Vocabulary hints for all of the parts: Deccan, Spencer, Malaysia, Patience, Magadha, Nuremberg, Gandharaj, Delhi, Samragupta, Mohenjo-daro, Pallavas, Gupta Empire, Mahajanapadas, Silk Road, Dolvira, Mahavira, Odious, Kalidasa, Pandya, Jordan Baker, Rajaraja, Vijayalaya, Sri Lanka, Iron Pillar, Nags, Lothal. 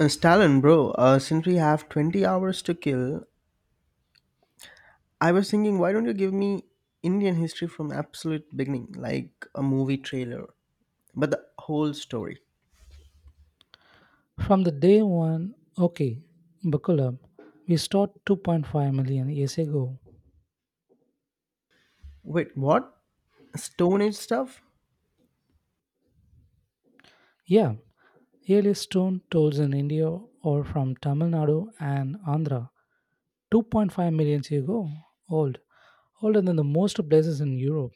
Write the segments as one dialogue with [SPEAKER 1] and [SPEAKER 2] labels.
[SPEAKER 1] Stalin, bro, since we have 20 hours to kill, I was thinking, why don't you give me Indian history from absolute beginning, like a movie trailer, but the whole story?
[SPEAKER 2] From the day one, okay, Bakulam, we start 2.5 million years ago.
[SPEAKER 1] Wait, what? Stone Age stuff?
[SPEAKER 2] Yeah, earliest stone tools in India or from Tamil Nadu and Andhra. 2.5 million years ago, old, older than the most places in Europe.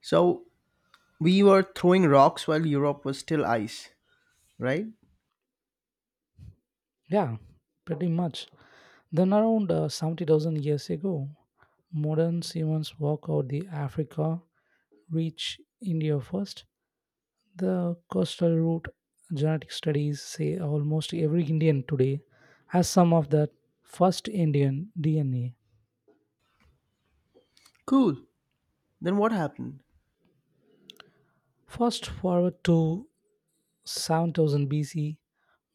[SPEAKER 1] So we were throwing rocks while Europe was still ice, right?
[SPEAKER 2] Yeah, pretty much. Then around 70,000 years ago, modern humans walk out the Africa, reach India first. The coastal route, genetic studies say almost every Indian today has some of that first Indian DNA.
[SPEAKER 1] Cool. Then what happened?
[SPEAKER 2] Fast forward to 7000 BC,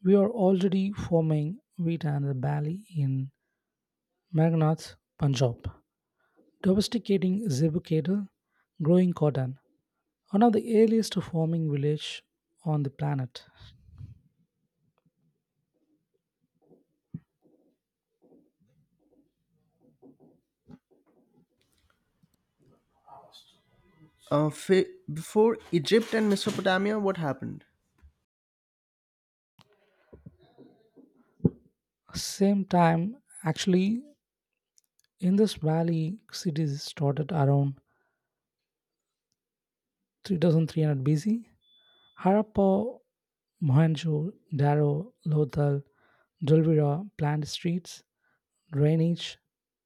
[SPEAKER 2] we are already forming wheat and the barley in Meghnath, Punjab, domesticating zebu cattle, growing cotton, one of the earliest farming village on the planet.
[SPEAKER 1] Uh, fa- Before Egypt and Mesopotamia, what happened?
[SPEAKER 2] Same time, actually, in this valley, cities started around 3300 BC, Harappa, Mohenjo-daro, Lothal, Dolvira planned streets, drainage,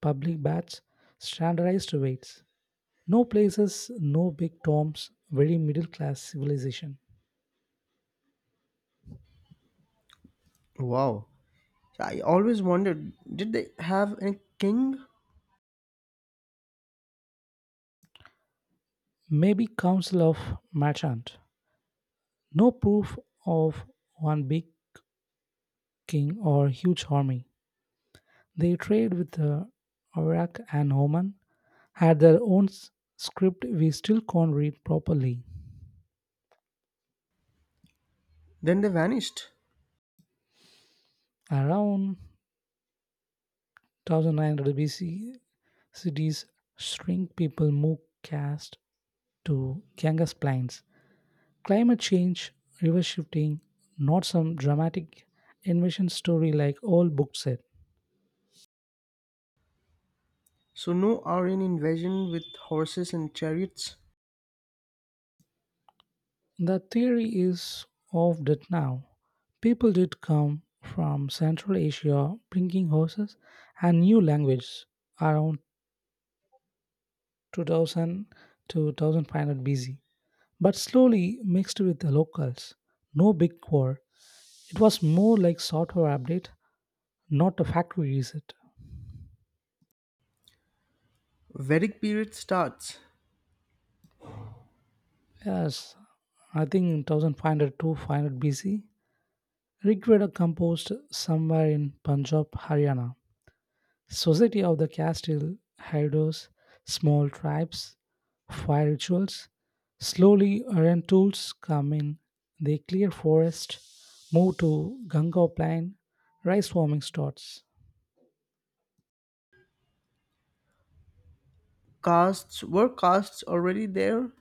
[SPEAKER 2] public baths, standardized weights. No places, no big tombs, very middle class civilization.
[SPEAKER 1] Wow. So, I always wondered, did they have a king?
[SPEAKER 2] Maybe Council of Merchant. No proof of one big king or huge army. They trade with the Iraq and Oman, had their own script we still can't read properly.
[SPEAKER 1] Then they vanished.
[SPEAKER 2] Around 1900 BC, cities shrink, people move caste to Ganges plains. Climate change, river shifting, not some dramatic invasion story like all books said.
[SPEAKER 1] So no Aryan invasion with horses and chariots.
[SPEAKER 2] The theory is of that now. People did come from Central Asia bringing horses and new language around 2000 to 2500 BC, but slowly mixed with the locals. No big war, it was more like software update, not a factory reset.
[SPEAKER 1] Vedic period starts.
[SPEAKER 2] Yes, I think in 1500 to 500 BC, Rigveda composed somewhere in Punjab, Haryana. Society of the Castile Hydros, small tribes, fire rituals. Slowly, iron tools come in. They clear forest, move to Ganga plain, rice farming starts.
[SPEAKER 1] Castes were castes already there?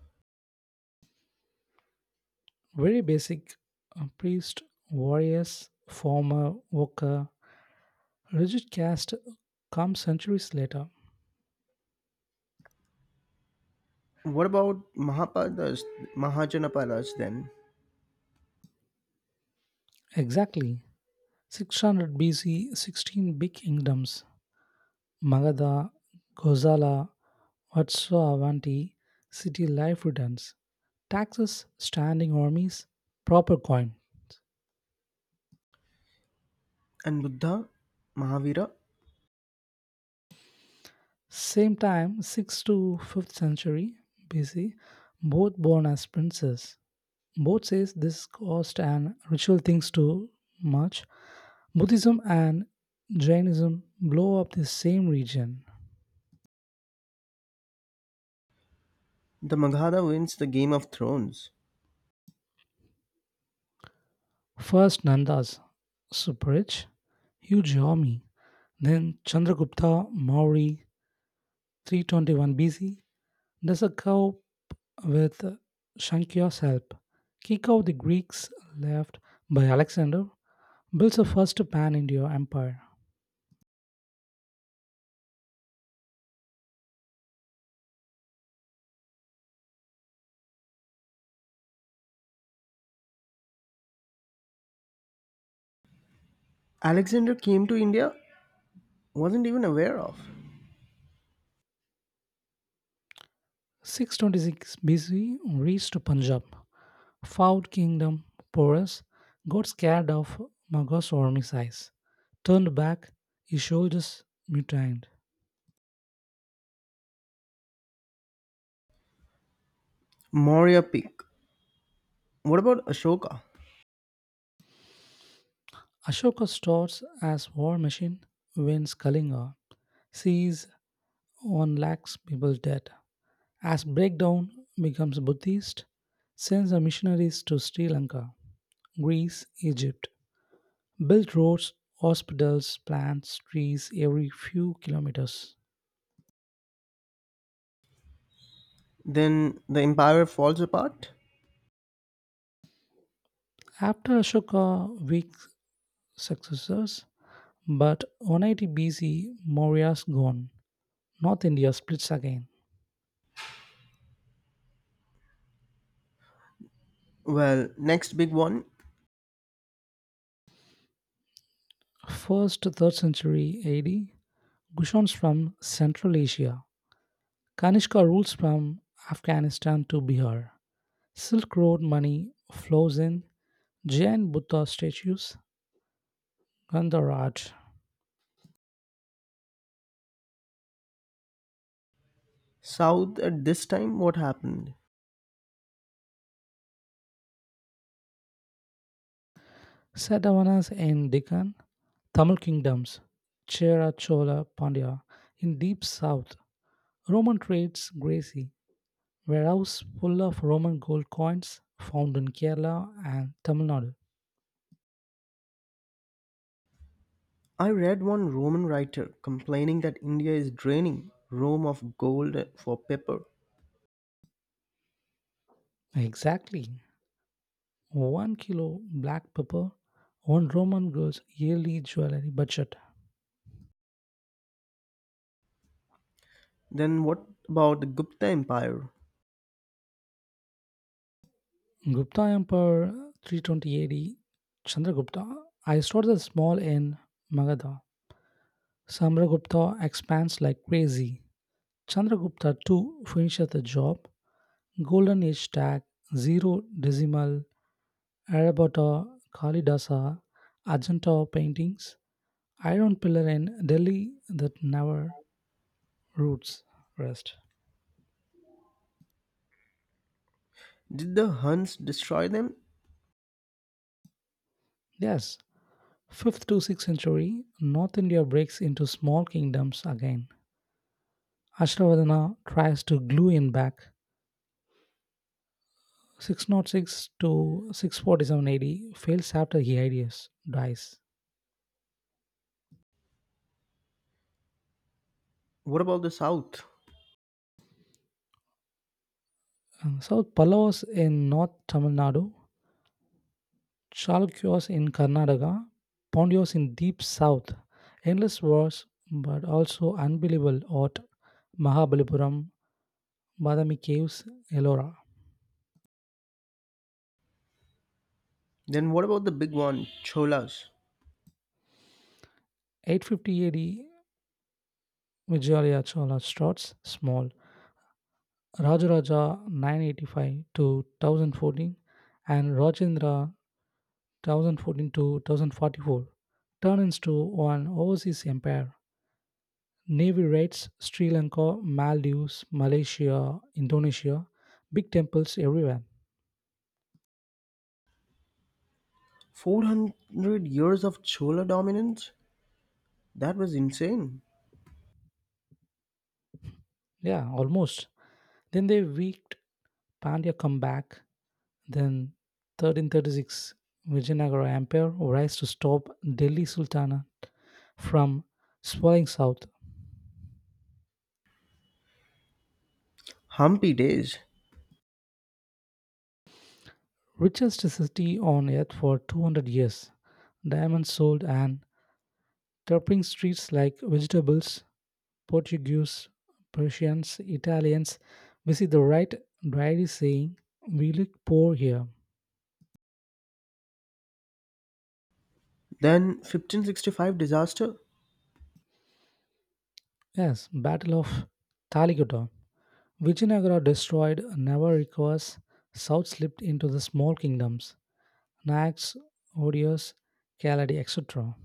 [SPEAKER 2] Very basic priest, warriors, farmer, worker, rigid caste comes centuries later.
[SPEAKER 1] What about Mahapadas, Mahajanapadas then?
[SPEAKER 2] Exactly. 600 BC, 16 big kingdoms Magadha, Ghosala, Vatsavanti, city life returns. Taxes, standing armies, proper coin.
[SPEAKER 1] And Buddha, Mahavira,
[SPEAKER 2] Same time, 6th to 5th century BC, both born as princes. Both says this cost and ritual things too much. Buddhism and Jainism blow up the same region.
[SPEAKER 1] the Magadha wins the Game of Thrones.
[SPEAKER 2] First Nanda's super rich, huge army, then Chandragupta Maurya 321 BC does a coup with Shankya's help, kick out the Greeks left by Alexander, builds a first pan India empire.
[SPEAKER 1] Alexander came to India, wasn't even aware of.
[SPEAKER 2] 626 BC reached Punjab, found kingdom porous, got scared of Magho's army size, turned back, his soldiers mutinied.
[SPEAKER 1] Maurya peak. What about Ashoka?
[SPEAKER 2] Ashoka starts as war machine, wins Kalinga, sees one lakhs people dead. As breakdown becomes Buddhist, sends the missionaries to Sri Lanka, Greece, Egypt. Built roads, hospitals, plants, trees every few kilometers.
[SPEAKER 1] Then the empire falls apart?
[SPEAKER 2] After Ashoka, weak successors, but 180 BC, Maurya's gone. North India splits again.
[SPEAKER 1] Well, next big one.
[SPEAKER 2] First 3rd century AD, Gushons from Central Asia, Kanishka rules from Afghanistan to Bihar. Silk Road money flows in, Jain Buddha statues, Gandharaj,
[SPEAKER 1] South at this time, what happened?
[SPEAKER 2] Satavanas in Deccan, Tamil kingdoms, Chera Chola Pandya in deep south, Roman trades Gracie, warehouse full of Roman gold coins found in Kerala and Tamil Nadu.
[SPEAKER 1] I read one Roman writer complaining that India is draining Rome of gold for paper.
[SPEAKER 2] Exactly. 1 kilo black pepper on Roman girls' yearly jewelry budget.
[SPEAKER 1] Then what about the Gupta Empire?
[SPEAKER 2] Gupta Empire 320 AD, Chandragupta. I started the small in Magadha. Samragupta expands like crazy. Chandragupta 2 finishes the job. Golden Age tag, Zero Decimal, Arabata, Kalidasa, Ajanta paintings, Iron Pillar in Delhi that never roots rest.
[SPEAKER 1] Did the Huns destroy them?
[SPEAKER 2] Yes, 5th to 6th century, North India breaks into small kingdoms again. Ashravadana tries to glue in back. 606 to 647 AD fails after Hyades dies.
[SPEAKER 1] What about the South?
[SPEAKER 2] South Pallavas in North Tamil Nadu, Chalukyas in Karnataka, Pandyas in deep south. Endless wars, but also unbelievable at Mahabalipuram, Badami caves, Ellora.
[SPEAKER 1] Then what about the big one, Cholas?
[SPEAKER 2] 850 AD, Vijayalaya Chola starts small. Rajaraja 985 to 1014 and Rajendra 1014 to 1044 turned into an overseas empire. Navy raids Sri Lanka, Maldives, Malaysia, Indonesia, big temples everywhere.
[SPEAKER 1] 400 years of Chola dominance? That was insane.
[SPEAKER 2] Yeah, almost. Then they wreaked Pandya comeback. Then 1336 Vijayanagara Empire rise to stop Delhi Sultanate from swelling south.
[SPEAKER 1] Humpy days.
[SPEAKER 2] Richest city on earth for 200 years. Diamonds sold and toppling streets like vegetables, Portuguese, Persians, Italians visit the right diary saying, "We look poor here."
[SPEAKER 1] Then 1565 disaster?
[SPEAKER 2] Yes, Battle of Taligota. Vijayanagara destroyed, never recovers. South slipped into the small kingdoms, Nags, Odious, Kaladi, etc.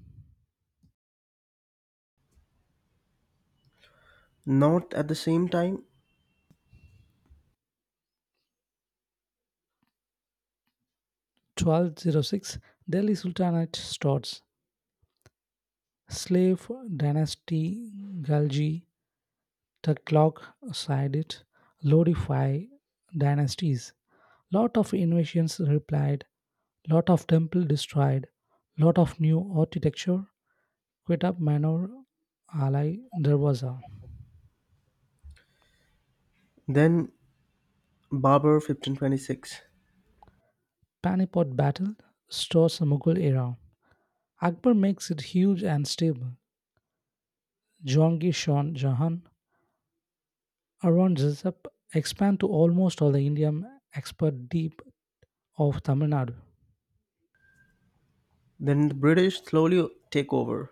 [SPEAKER 1] Not at the same time.
[SPEAKER 2] 1206 Delhi Sultanate starts. Slave dynasty, Galji, Tuklok Saidit, Lodify dynasties. Lot of invasions replied, lot of temple destroyed, lot of new architecture, Quitab Manor, Ali Darwaza.
[SPEAKER 1] Then Babur 1526.
[SPEAKER 2] Panipat battle, stores the Mughal era. Akbar makes it huge and stable. Jahangir Shah Jahan, Aurangzeb expand to almost all the Indian expert deep of Tamil Nadu.
[SPEAKER 1] Then the British slowly take over.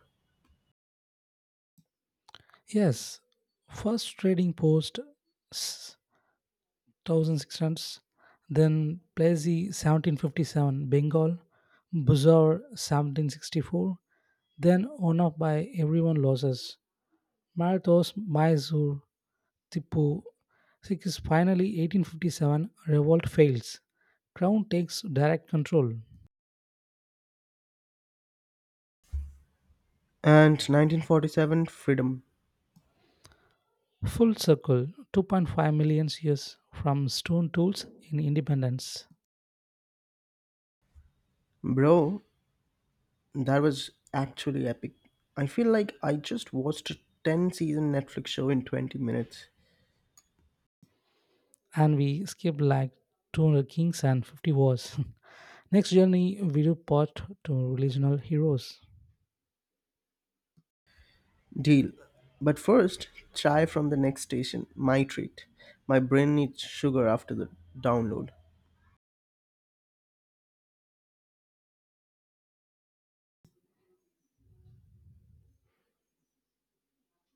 [SPEAKER 2] Yes, first trading post s- 1600s, then Plassey 1757, Bengal, Buzar 1764, then on up by everyone losses. Marathos, Mysore, Tipu. Six is finally 1857, revolt fails. Crown takes direct control.
[SPEAKER 1] And 1947 Freedom.
[SPEAKER 2] Full circle, 2.5 million years from stone tools in independence.
[SPEAKER 1] Bro, that was actually epic. I feel like I just watched a 10 season Netflix show in 20 minutes.
[SPEAKER 2] And we skipped like 200 kings and 50 wars. Next journey, we do part to regional heroes.
[SPEAKER 1] Deal. But first, chai from the next station, my treat. My brain needs sugar after the download.